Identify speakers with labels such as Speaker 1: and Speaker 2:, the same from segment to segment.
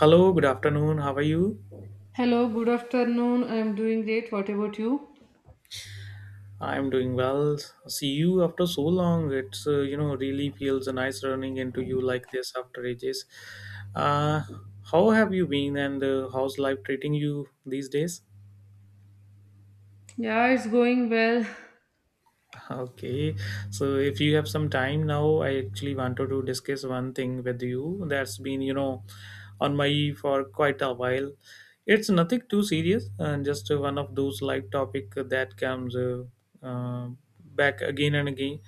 Speaker 1: Hello, good afternoon. How are you?
Speaker 2: Hello, good afternoon. I'm doing great. What about you?
Speaker 1: I'm doing well. See you after so long. It's really feels nice running into you like this after ages. Uh, how have you been and how's life treating you these days?
Speaker 2: Yeah, it's going well.
Speaker 1: Okay, so if you have some time now, I actually wanted to discuss one thing with you that's been, on my for quite a while. It's nothing too serious, and just one of those life topic that comes uh, back again and again.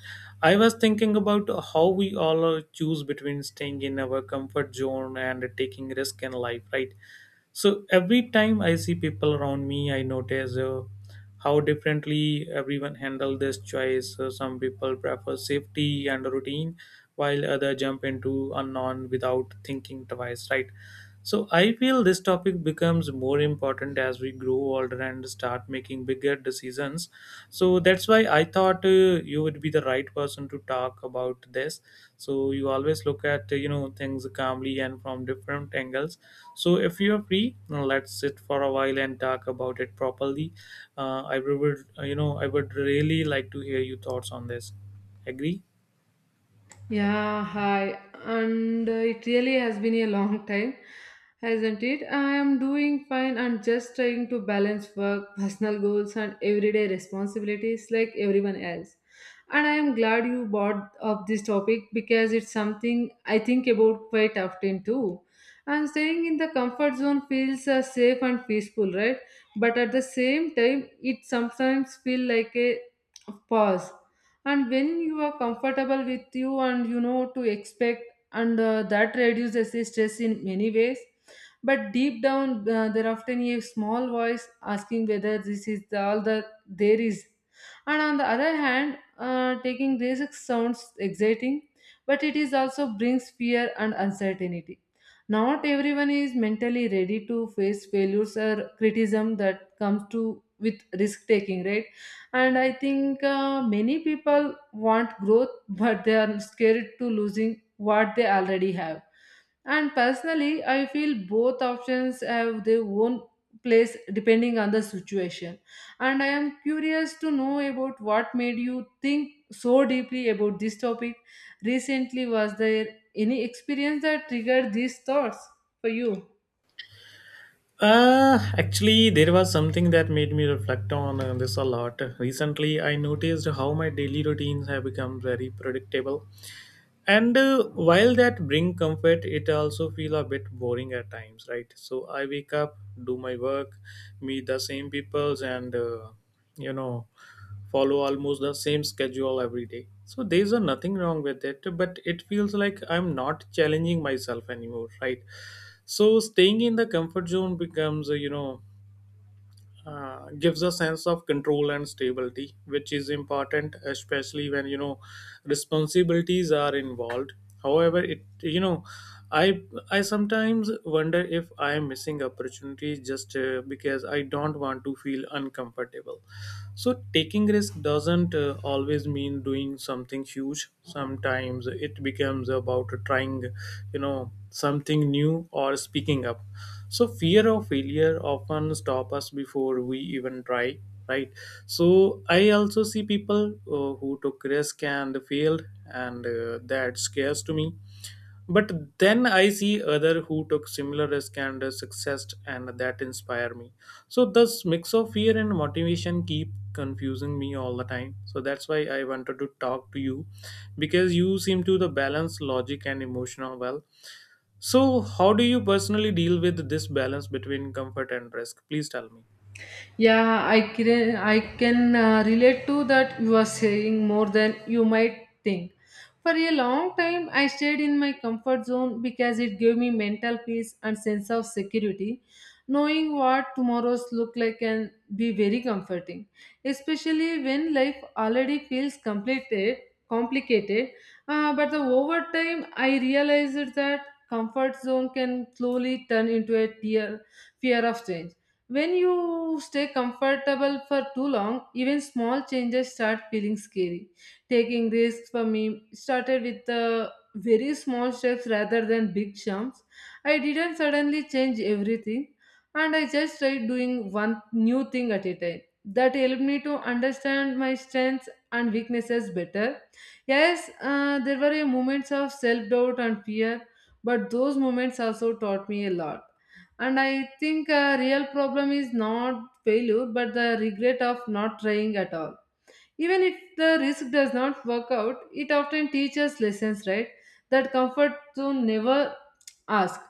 Speaker 1: I was thinking about how we all choose between staying in our comfort zone and taking risk in life, right? So every time I see people around me, I notice how differently everyone handle this choice. Some people prefer safety and routine, while other jump into unknown without thinking twice, right? So I feel this topic becomes more important as we grow older and start making bigger decisions. So that's why I thought you would be the right person to talk about this. So you always look at things calmly and from different angles. So, if you are free, let's sit for a while and talk about it properly. I would, I would really like to hear your thoughts on this. Agree?
Speaker 2: Yeah, hi. And it really has been a long time, hasn't it? I am doing fine and just trying to balance work, personal goals, and everyday responsibilities like everyone else. And I am glad you brought up this topic because it's something I think about quite often too. And staying in the comfort zone feels safe and peaceful, right? But at the same time, it sometimes feels like a pause. And when you are comfortable with you and you know to expect, and that reduces the stress in many ways. But deep down, there often a small voice asking whether this is all that there is. And on the other hand, taking risks sounds exciting, but it is also brings fear and uncertainty. Not everyone is mentally ready to face failures or criticism that comes to with risk taking, right? And I think, many people want growth but they are scared to losing what they already have. And personally, I feel both options have their own place depending on the situation. And I am curious to know about what made you think so deeply about this topic recently. Was there any experience that triggered these thoughts for you?
Speaker 1: Actually, there was something that made me reflect on this a lot. Recently, I noticed how my daily routines have become very predictable. And while that bring comfort, it also feel a bit boring at times, right? So I wake up, do my work, meet the same peoples, and you know follow almost the same schedule every day. So there's a nothing wrong with it, but it feels like I'm not challenging myself anymore, right? So staying in the comfort zone becomes gives a sense of control and stability, which is important, especially when you know responsibilities are involved. However, it you know I I sometimes wonder if I am missing opportunities just because I don't want to feel uncomfortable. So taking risk doesn't always mean doing something huge. Sometimes it becomes about trying something new or speaking up. So fear of failure often stop us before we even try, right? So I also see people who took risk and failed, and that scares to me. But then I see other who took similar risk and success, and that inspire me. So this mix of fear and motivation keep confusing me all the time. So that's why I wanted to talk to you, because you seem to the balance logic and emotional well. So how do you personally deal with this balance between comfort and risk? Please tell me.
Speaker 2: Yeah, I can relate to that you are saying more than you might think. For a long time, I stayed in my comfort zone because it gave me mental peace and sense of security. Knowing what tomorrow's look like can be very comforting, especially when life already feels complicated. But the over time, I realized that comfort zone can slowly turn into a fear of change. When you stay comfortable for too long, even small changes start feeling scary. Taking risks for me started with very small steps rather than big jumps. I didn't suddenly change everything, and I just tried doing one new thing at a time. That helped me to understand my strengths and weaknesses better. Yes, there were moments of self doubt and fear, but those moments also taught me a lot. And I think a real problem is not failure, but the regret of not trying at all. Even if the risk does not work out, it often teaches lessons, right? That comfort to never ask.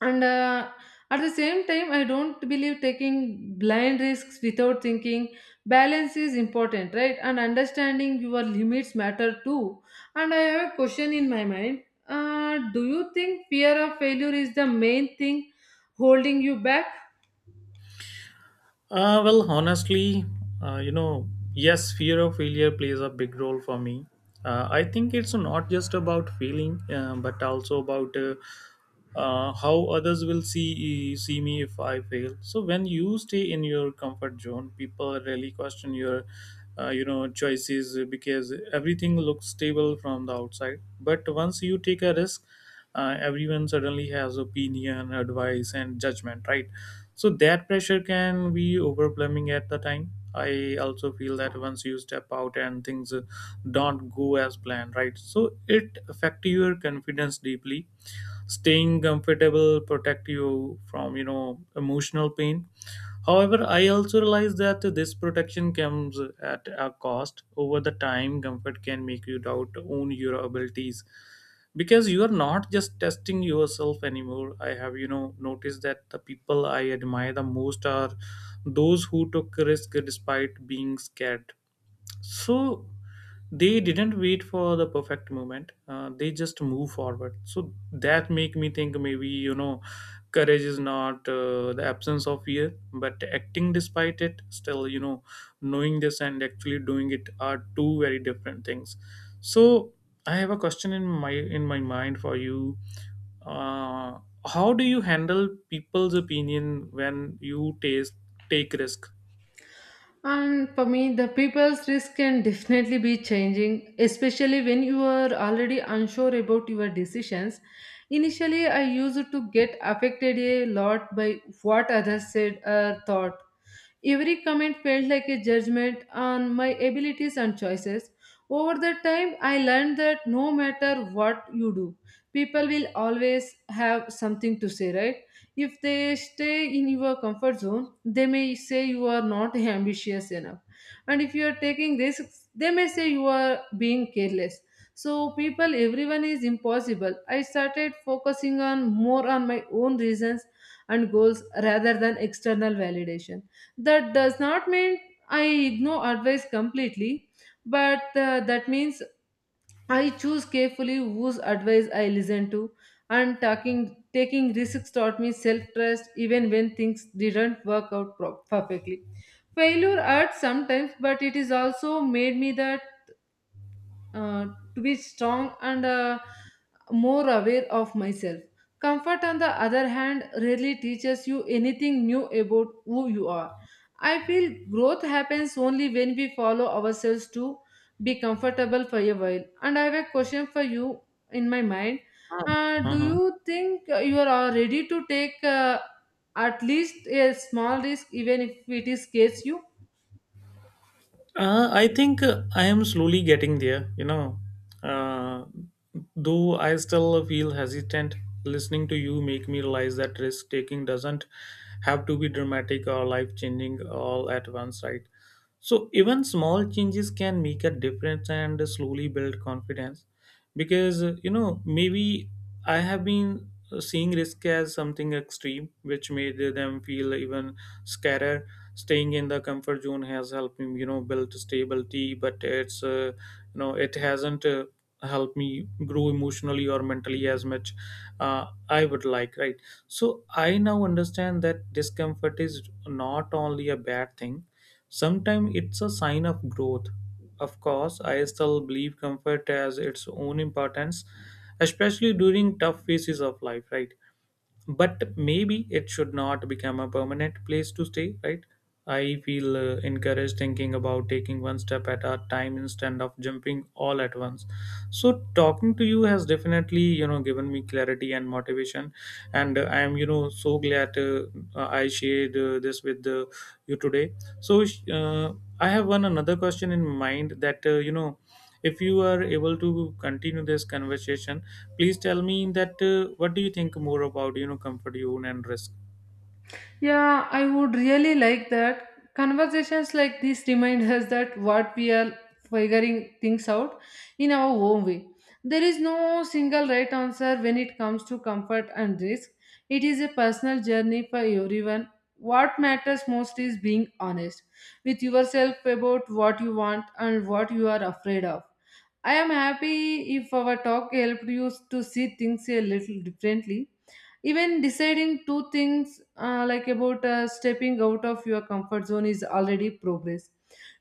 Speaker 2: And at the same time, I don't believe taking blind risks without thinking. Balance is important, right? And understanding your limits matter too. And I have a question in my mind. Do you think fear of failure is the main thing holding you back?
Speaker 1: Well, honestly, yes, fear of failure plays a big role for me. I think it's not just about feeling, but also about how others will see me if I fail. So when you stay in your comfort zone, people really question your, choices because everything looks stable from the outside. But once you take a risk, everyone suddenly has opinion, advice, and judgment, right? So that pressure can be overwhelming at the time. I also feel that once you step out and things don't go as planned, right? So it affect your confidence deeply. Staying comfortable protect you from emotional pain. However, I also realize that this protection comes at a cost. Over the time, comfort can make you doubt own your abilities because you are not just testing yourself anymore. I have, noticed that the people I admire the most are those who took risk despite being scared. So they didn't wait for the perfect moment. They just move forward, so that make me think maybe courage is not the absence of fear but acting despite it. Still, knowing this and actually doing it are two very different things. So I have a question in my mind for you. uh, how do you handle people's opinion when you taste take risk?
Speaker 2: And for me, the people's risk can definitely be changing, especially when you are already unsure about your decisions. Initially, I used to get affected a lot by what others said or thought. Every comment felt like a judgment on my abilities and choices. Over the time, I learned that no matter what you do, people will always have something to say, right? If they stay in your comfort zone, they may say you are not ambitious enough. And if you are taking risks, they may say you are being careless. So, people, everyone is impossible. I started focusing on more on my own reasons and goals rather than external validation. That does not mean I ignore advice completely, but that means I choose carefully whose advice I listen to. And taking risks taught me self trust even when things didn't work out perfectly. Failure hurt sometimes, but it is also made me that uh, to be strong and more aware of myself. Comfort, on the other hand, rarely teaches you anything new about who you are. I feel growth happens only when we follow ourselves to be comfortable for a while. And I have a question for you in my mind.
Speaker 1: Um,
Speaker 2: Do
Speaker 1: uh
Speaker 2: you think you are ready to take at least a small risk, even if it is scares you?
Speaker 1: I think I am slowly getting there, you know. Uh, though I still feel hesitant, listening to you make me realize that risk taking doesn't have to be dramatic or life changing all at once, right? So even small changes can make a difference and slowly build confidence, because maybe I have been seeing risk as something extreme, which made them feel even scarier. Staying in the comfort zone has helped me, build stability, but it's it hasn't helped me grow emotionally or mentally as much I would like, right? So I now understand that discomfort is not only a bad thing. Sometimes it's a sign of growth. Of course, I still believe comfort has its own importance, especially during tough phases of life, right? But maybe it should not become a permanent place to stay, right? I feel encouraged thinking about taking one step at a time instead of jumping all at once. So talking to you has definitely, given me clarity and motivation, and I am, so glad I shared this with you today. So uh, I have one another question in mind that if you are able to continue this conversation, please tell me that what do you think more about comfort zone and risk.
Speaker 2: Yeah, I would really like that. Conversations like this remind us that what we are figuring things out in our own way. There is no single right answer when it comes to comfort and risk. It is a personal journey for everyone. What matters most is being honest with yourself about what you want and what you are afraid of. I am happy if our talk helped you to see things a little differently. Even deciding two things, like about, stepping out of your comfort zone is already progress.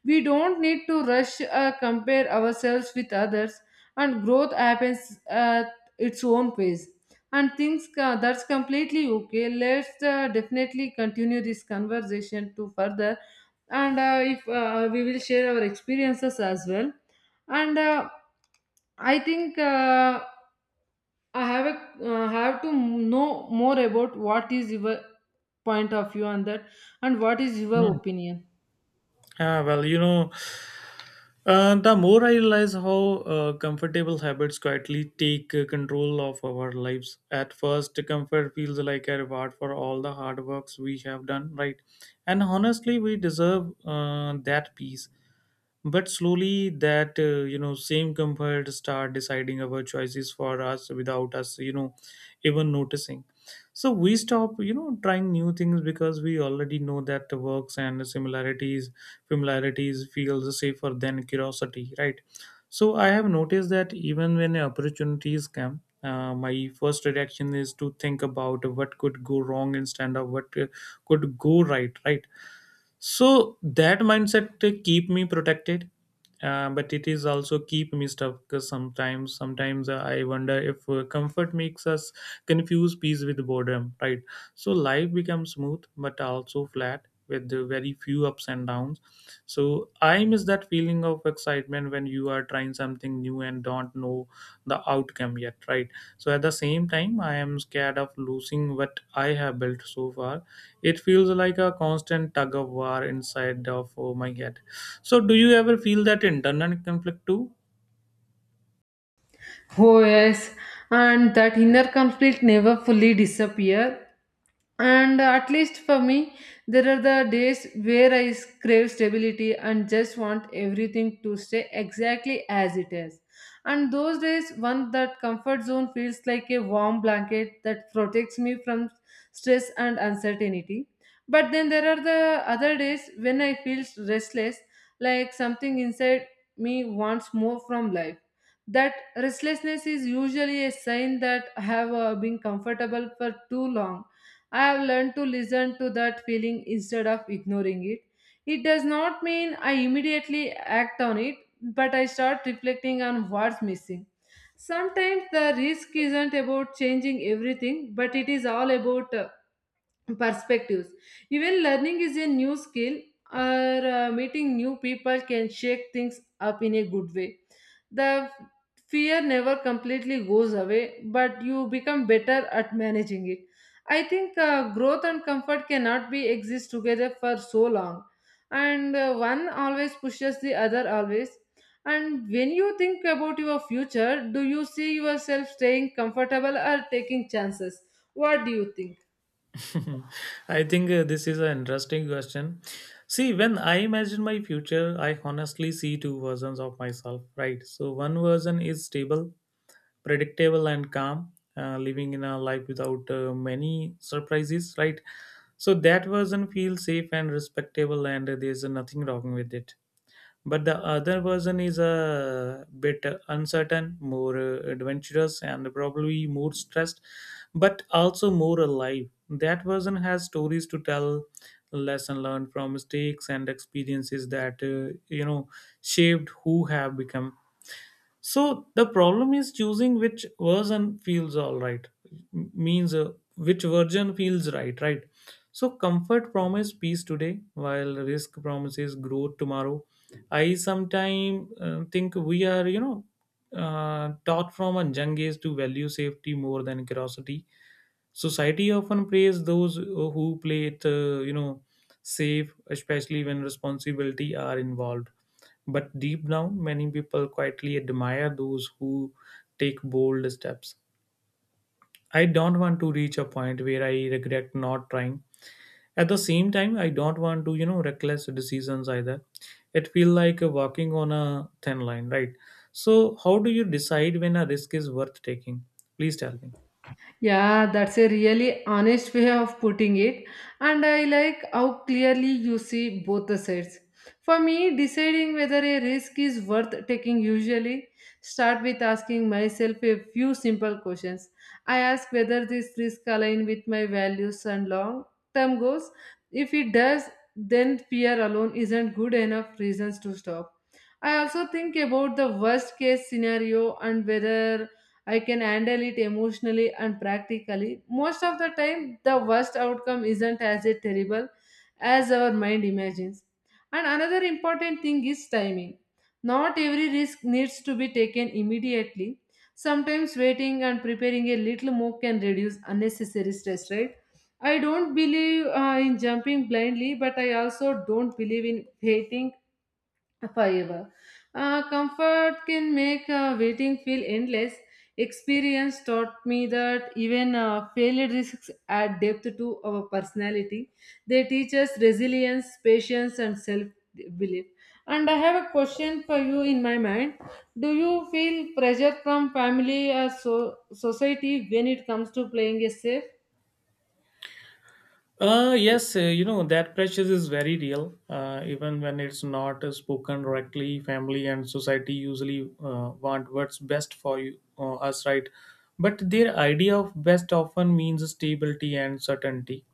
Speaker 2: We don't need to rush, compare ourselves with others. And growth happens at its own pace. And things, that's completely okay. Let's, definitely continue this conversation to further. And if we will share our experiences as well. And I think, I have to know more about what is your point of view on that and what is your
Speaker 1: Hmm.
Speaker 2: opinion.
Speaker 1: Ah, well, the more I realize how comfortable habits quietly take control of our lives. At first, comfort feels like a reward for all the hard works we have done, right? And honestly, we deserve that peace. But slowly that same comfort start deciding our choices for us without us, even noticing. So we stop, trying new things because we already know that the works and similarities familiarities feels safer than curiosity, right? So I have noticed that even when opportunities come, my first reaction is to think about what could go wrong instead of what could go right, right? So that mindset to keep me protected, but it is also keep me stuck. Because sometimes I wonder if comfort makes us confuse peace with boredom, right? So life becomes smooth, but also flat, with the very few ups and downs. So I miss that feeling of excitement when you are trying something new and don't know the outcome yet, right? So at the same time, I am scared of losing what I have built so far. It feels like a constant tug of war inside of my head. So do you ever feel that internal conflict too?
Speaker 2: Oh yes, and that inner conflict never fully disappear. And at least for me, there are the days where I crave stability and just want everything to stay exactly as it is. And those days, one that comfort zone feels like a warm blanket that protects me from stress and uncertainty. But then there are the other days when I feel restless, like something inside me wants more from life. That restlessness is usually a sign that I have been comfortable for too long. I have learned to listen to that feeling instead of ignoring it. It does not mean I immediately act on it, but I start reflecting on what's missing. Sometimes the risk isn't about changing everything, but it is all about perspectives. Even learning is a new skill, or meeting new people can shake things up in a good way. The fear never completely goes away, but you become better at managing it. I think, growth and comfort cannot be exist together for so long, and one always pushes the other always. And when you think about your future, do you see yourself staying comfortable or taking chances? What do you think?
Speaker 1: I think this is an interesting question. See, when I imagine my future, I honestly see two versions of myself, right? So, one version is stable, predictable and calm, living in a life without many surprises, right? So that version feels safe and respectable, and there's nothing wrong with it. But the other version is a bit uncertain, more adventurous, and probably more stressed, but also more alive. That version has stories to tell, lesson learned from mistakes and experiences that shaped who have become. So the problem is choosing which version feels all right, M- means which version feels right, right? So comfort promise peace today, while risk promises growth tomorrow. I sometimes think we are, taught from a young age to value safety more than curiosity. Society often praise those who play it, safe, especially when responsibility are involved. But deep down, many people quietly admire those who take bold steps. I don't want to reach a point where I regret not trying. At the same time, I don't want to, reckless decisions either. It feels like walking on a thin line, right? So, how do you decide when a risk is worth taking? Please tell me.
Speaker 2: Yeah, that's a really honest way of putting it, and I like how clearly you see both the sides. For me, deciding whether a risk is worth taking usually start with asking myself a few simple questions. I ask whether this risk align with my values and long-term goals. If it does, then fear alone isn't good enough reasons to stop. I also think about the worst case scenario and whether I can handle it emotionally and practically. Most of the time, the worst outcome isn't as terrible as our mind imagines. And another important thing is timing. Not every risk needs to be taken immediately. Sometimes waiting and preparing a little more can reduce unnecessary stress, right? I don't believe, in jumping blindly, but I also don't believe in waiting forever. Comfort can make, waiting feel endless. Experience taught me that even failed risks add depth to our personality. They teach us resilience, patience, and self belief. And I have a question for you in my mind. Do you feel pressure from family or society when it comes to playing a safe?
Speaker 1: Yes, that pressure is very real, even when it's not spoken directly. Family and society usually want what's best for you, us, right? But their idea of best often means stability and certainty.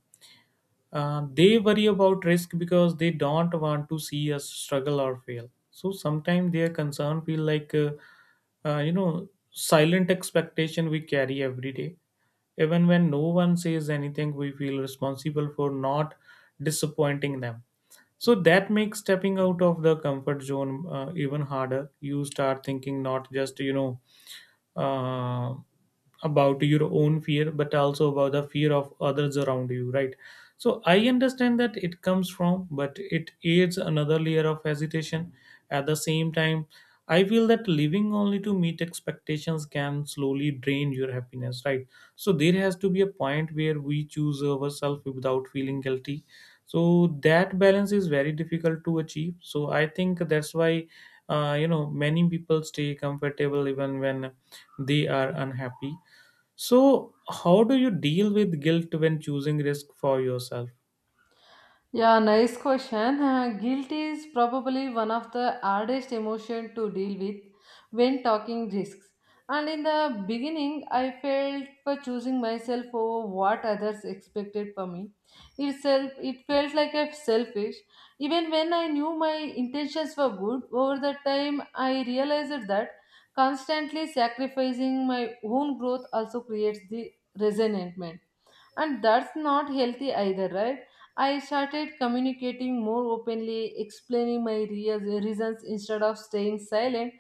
Speaker 1: They worry about risk because they don't want to see us struggle or fail. So sometimes their concern feel like, silent expectation we carry every day. Even when no one says anything, we feel responsible for not disappointing them. So that makes stepping out of the comfort zone even harder. You start thinking not just uh, about your own fear but also about the fear of others around you, right? So I understand that it comes from, but it adds another layer of hesitation. At the same time, I feel that living only to meet expectations can slowly drain your happiness, right? So there has to be a point where we choose ourselves without feeling guilty. So that balance is very difficult to achieve. So I think that's why many people stay comfortable even when they are unhappy. So, how do you deal with guilt when choosing risk for yourself?
Speaker 2: Yeah, nice question. Guilt is probably one of the hardest emotion to deal with when talking risks. And in the beginning, I felt for choosing myself over what others expected for me. Itself, it felt like I selfish. Even when I knew my intentions were good, over the time I realized that constantly sacrificing my own growth also creates the resentment, and that's not healthy either, right? I started communicating more openly, explaining my reasons instead of staying silent.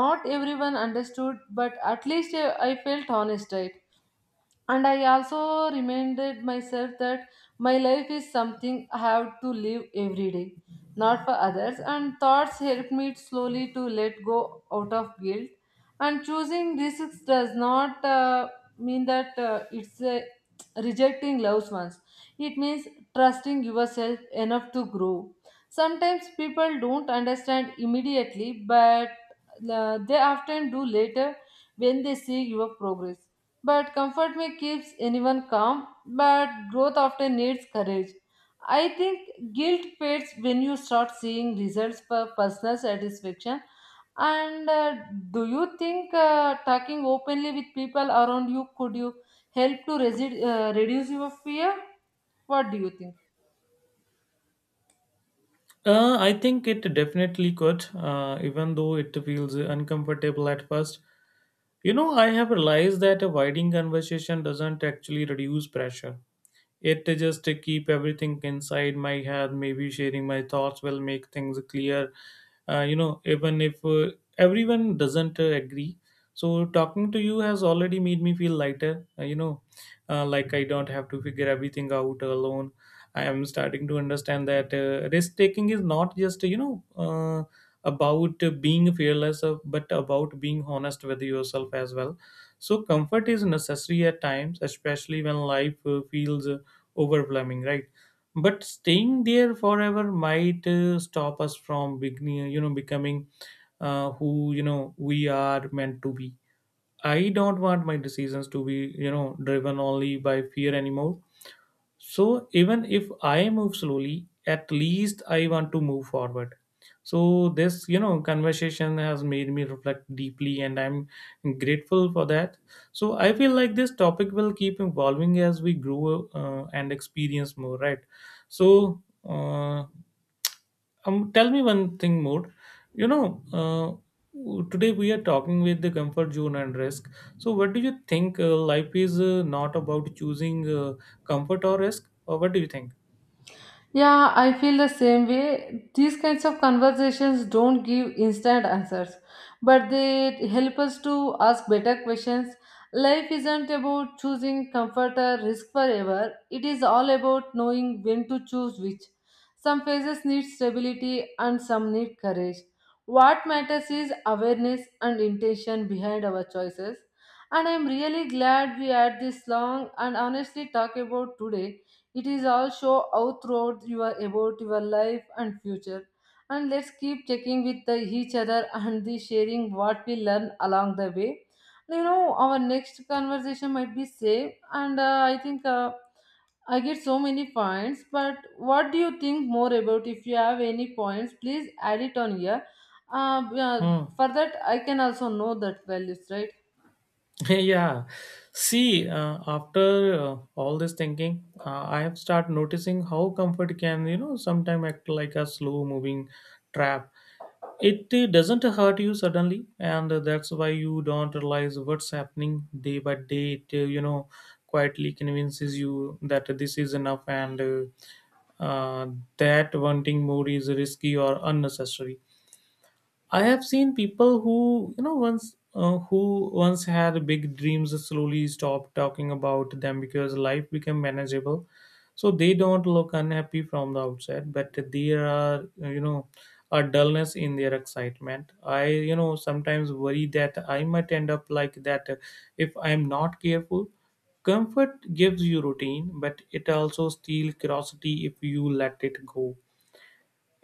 Speaker 2: Not everyone understood, but at least I felt honest, right? And I also reminded myself that my life is something I have to live every day, not for others. And thoughts helped me slowly to let go out of guilt. And choosing risks does not, mean that, it's, rejecting loved ones. It means trusting yourself enough to grow. Sometimes people don't understand immediately, but they often do later when they see your progress. But comfort may keeps anyone calm, but growth often needs courage. I think guilt fades when you start seeing results for personal satisfaction. And do you think, talking openly with people around you could you help to reduce your fear? What do you think?
Speaker 1: I think it definitely could, even though it feels uncomfortable at first. You know, I have realized that avoiding conversation doesn't actually reduce pressure. It just to keep everything inside my head. Maybe sharing my thoughts will make things clear, even if everyone doesn't agree. So talking to you has already made me feel lighter, like I don't have to figure everything out alone. I am starting to understand that risk taking is not just about being fearless, but about being honest with yourself as well. So comfort is necessary at times, especially when life feels overwhelming, right? But staying there forever might stop us from beginning, you know, becoming who we are meant to be. I don't want my decisions to be, you know, driven only by fear anymore. So even if I move slowly, at least I want to move forward. So this, you know, conversation has made me reflect deeply and I'm grateful for that. So I feel like this topic will keep evolving as we grow and experience more, right? So uh, tell me one thing more. You know, today we are talking with the comfort zone and risk. So, what do you think? Life is not about choosing comfort or risk, or what do you think?
Speaker 2: Yeah, I feel the same way. These kinds of conversations don't give instant answers, but they help us to ask better questions. Life isn't about choosing comfort or risk forever, it is all about knowing when to choose which. Some phases need stability and some need courage. What matters is awareness and intention behind our choices. And I'm really glad we had this long and honestly talk about today it is also out throughout your about your life and future. And let's keep checking with each other and the sharing what we learn along the way. Our next conversation might be safe, and I think I get so many points. But what do you think more about? If you have any points, please add it on here. Uh, yeah,
Speaker 1: Hmm.
Speaker 2: for that, I can also know that values, right?
Speaker 1: Yeah. See, after all this thinking, I have started noticing how comfort can, you know, sometimes act like a slow moving trap. It doesn't hurt you suddenly, and that's why you don't realize what's happening day by day. It, you know, quietly convinces you that this is enough and uh, that wanting more is risky or unnecessary. I have seen people who, you know, once who once had big dreams slowly stop talking about them because life became manageable. So they don't look unhappy from the outside, but there are, you know, a dullness in their excitement. I, you know, sometimes worry that I might end up like that if I'm not careful. Comfort gives you routine, but it also steals curiosity if you let it go.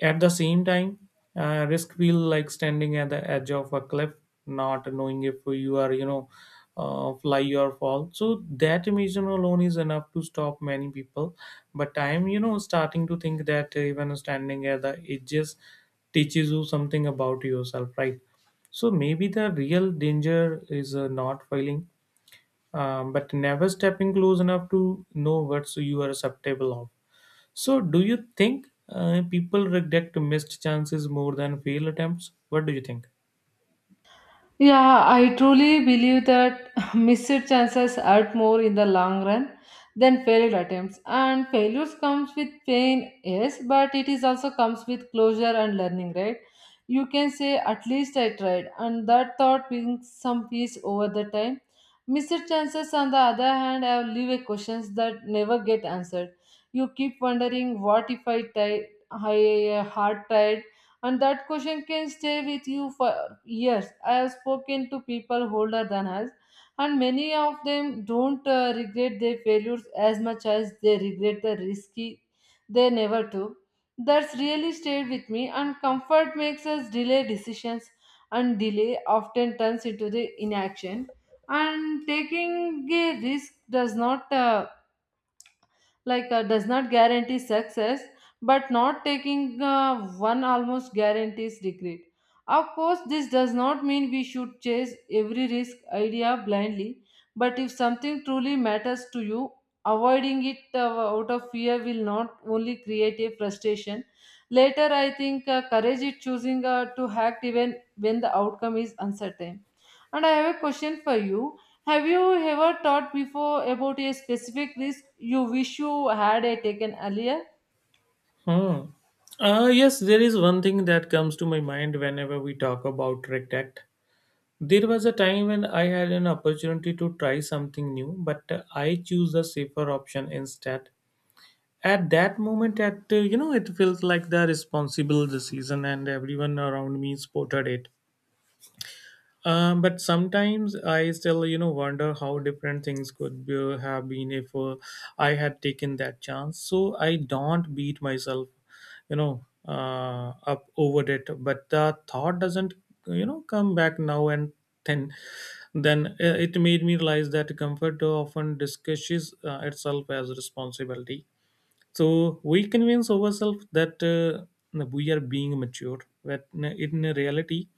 Speaker 1: At the same time, risk feel like standing at the edge of a cliff, not knowing if you are, fly or fall. So that emotion alone is enough to stop many people. But I am, you know, starting to think that even standing at the edges teaches you something about yourself, right? So maybe the real danger is not failing, but never stepping close enough to know what you are susceptible of. So, do you think people regret missed chances more than failed attempts? What do you think?
Speaker 2: Yeah, I truly believe that missed chances hurt more in the long run than failed attempts. And failures comes with pain, yes, but it is also comes with closure and learning, right? You can say at least I tried, and that thought brings some peace over the time. Missed chances, on the other hand, have leave questions that never get answered. You keep wondering, what if I tried? I hard tried, and that question can stay with you for yes, I have spoken to people older than us, and many of them don't regret their failures as much as they regret the risky they never took. That's really stayed with me, and comfort makes us delay decisions, and delay often turns into the inaction. And taking a risk does not like does not guarantee success, but not taking one almost guarantees regret. Of course this does not mean we should chase every risk idea blindly, but if something truly matters to you, avoiding it out of fear will not only create a frustration later. I think courage is choosing to act even when the outcome is uncertain. And I have a question for you. Have you ever thought before about a specific risk you wish you had taken earlier?
Speaker 1: Hmm. Yes, there is one thing that comes to my mind whenever we talk about regret. There was a time when I had an opportunity to try something new, but I choose the safer option instead. At that moment, at you know, it felt like the responsible decision, and everyone around me supported it. But sometimes I still, you know, wonder how different things could be, have been if I had taken that chance. So I don't beat myself, you know, up over it. But the thought doesn't, you know, come back now and then. Then it made me realize that comfort often discusses itself as responsibility. So we convince ourselves that we are being mature, but in reality,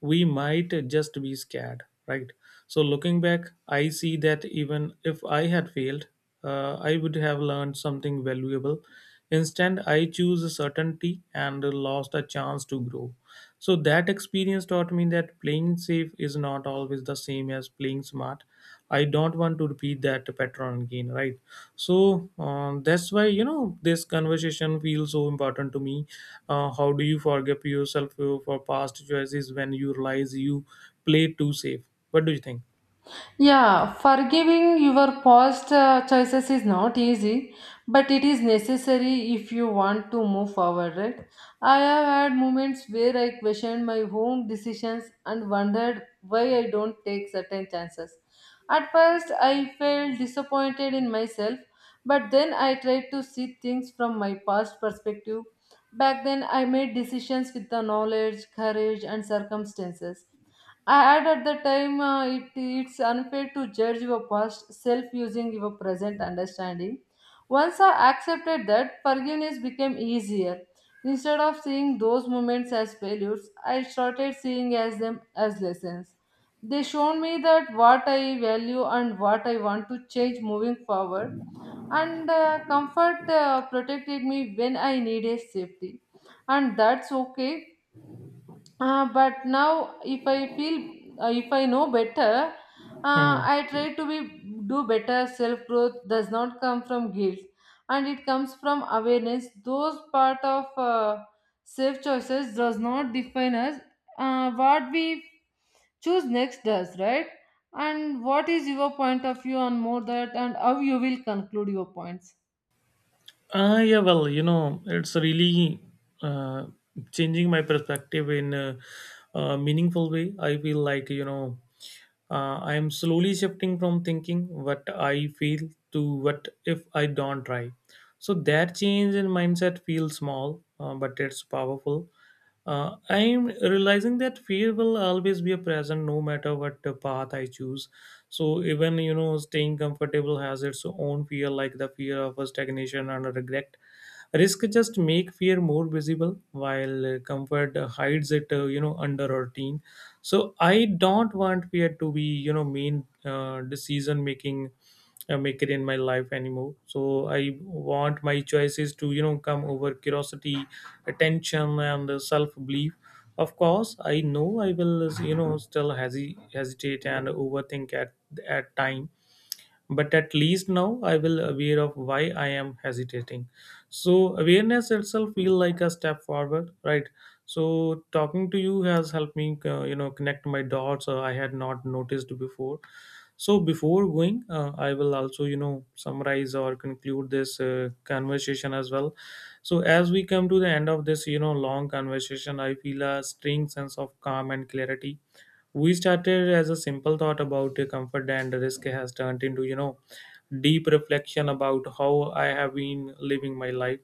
Speaker 1: we might just be scared, right? So looking back, I see that even if I had failed, I would have learned something valuable. Instead, I choose certainty and lost a chance to grow. So that experience taught me that playing safe is not always the same as playing smart. I don't want to repeat that pattern again, right? So that's why, you know, this conversation feels so important to me. How do you forgive yourself for past choices when you realize you played too safe? What do you think?
Speaker 2: Yeah, forgiving your past choices is not easy, but it is necessary if you want to move forward, right? I have had moments where I questioned my own decisions and wondered why I don't take certain chances. At first, I felt disappointed in myself, but then I tried to see things from my past perspective. Back then, I made decisions with the knowledge, courage, and circumstances I add at the time. It's unfair to judge your past self using your present understanding. Once I accepted that, forgiveness became easier. Instead of seeing those moments as failures, I started seeing as them as lessons. They showed me that what I value and what I want to change moving forward. And comfort protected me when I needed safety. And that's okay, but now, if i feel if I know better,
Speaker 1: Hmm.
Speaker 2: I try to be do better. Self growth does not come from guilt, and it comes from awareness. Those part of safe choices does not define us, what we choose next does, right? And what is your point of view on more that and how you will conclude your points?
Speaker 1: Yeah, well, you know, it's really uh, changing my perspective in a meaningful way. I feel like, you know, I am slowly shifting from thinking what I feel to what if I don't try. So that change in mindset feels small, but it's powerful. I am realizing that fear will always be a present no matter what the path I choose. So even, you know, staying comfortable has its own fear, like the fear of a stagnation and a regret. Risk just make fear more visible, while comfort hides it, you know, under a routine. So I don't want fear to be, you know, main decision making maker in my life anymore. So I want my choices to, you know, come over curiosity, attention and self belief. Of course I know I will, you know, still hesitate and overthink at times, but at least now I will aware of why I am hesitating. So awareness itself feel like a step forward, right? So talking to you has helped me you know, connect my dots I had not noticed before. So before going, I will also, you know, summarize or conclude this conversation as well. So as we come to the end of this, you know, long conversation, I feel a strange sense of calm and clarity. We started as a simple thought about the comfort and risk has turned into, you know, deep reflection about how I have been living my life.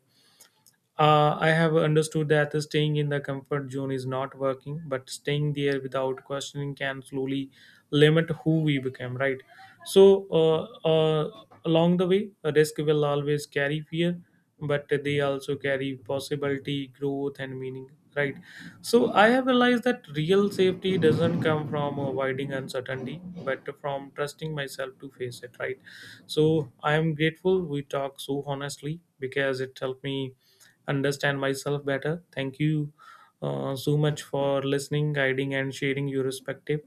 Speaker 1: I have understood that staying in the comfort zone is not working, but staying there without questioning can slowly limit who we become, right? So, along the way, a risk will always carry fear, but they also carry possibility, growth, and meaning, right? So, I have realized that real safety doesn't come from avoiding uncertainty, but from trusting myself to face it, right? So, I am grateful we talk so honestly because it helped me understand myself better. Thank you so much for listening, guiding, and sharing your perspective.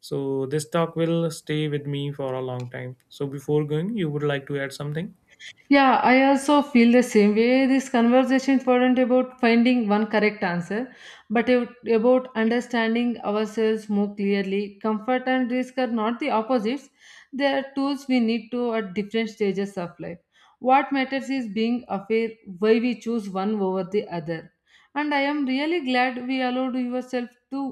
Speaker 1: So, this talk will stay with me for a long time. So, before going, you would like to add something?
Speaker 2: Yeah, I also feel the same way. This conversation is not about finding one correct answer, but about understanding ourselves more clearly. Comfort and risk are not the opposites, they are tools we need to at different stages of life. What matters is being aware why we choose one over the other. And I am really glad we allowed yourself to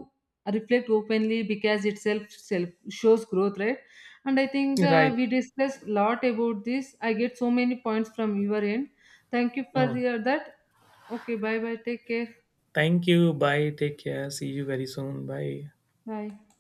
Speaker 2: reflect openly because itself self shows growth, right? And I think
Speaker 1: Right.
Speaker 2: we discussed lot about this. I get so many points from your end. Thank you for
Speaker 1: Mm.
Speaker 2: that. Okay, bye bye, take care.
Speaker 1: Thank you. Bye. Take care. See you very soon. Bye.
Speaker 2: Bye.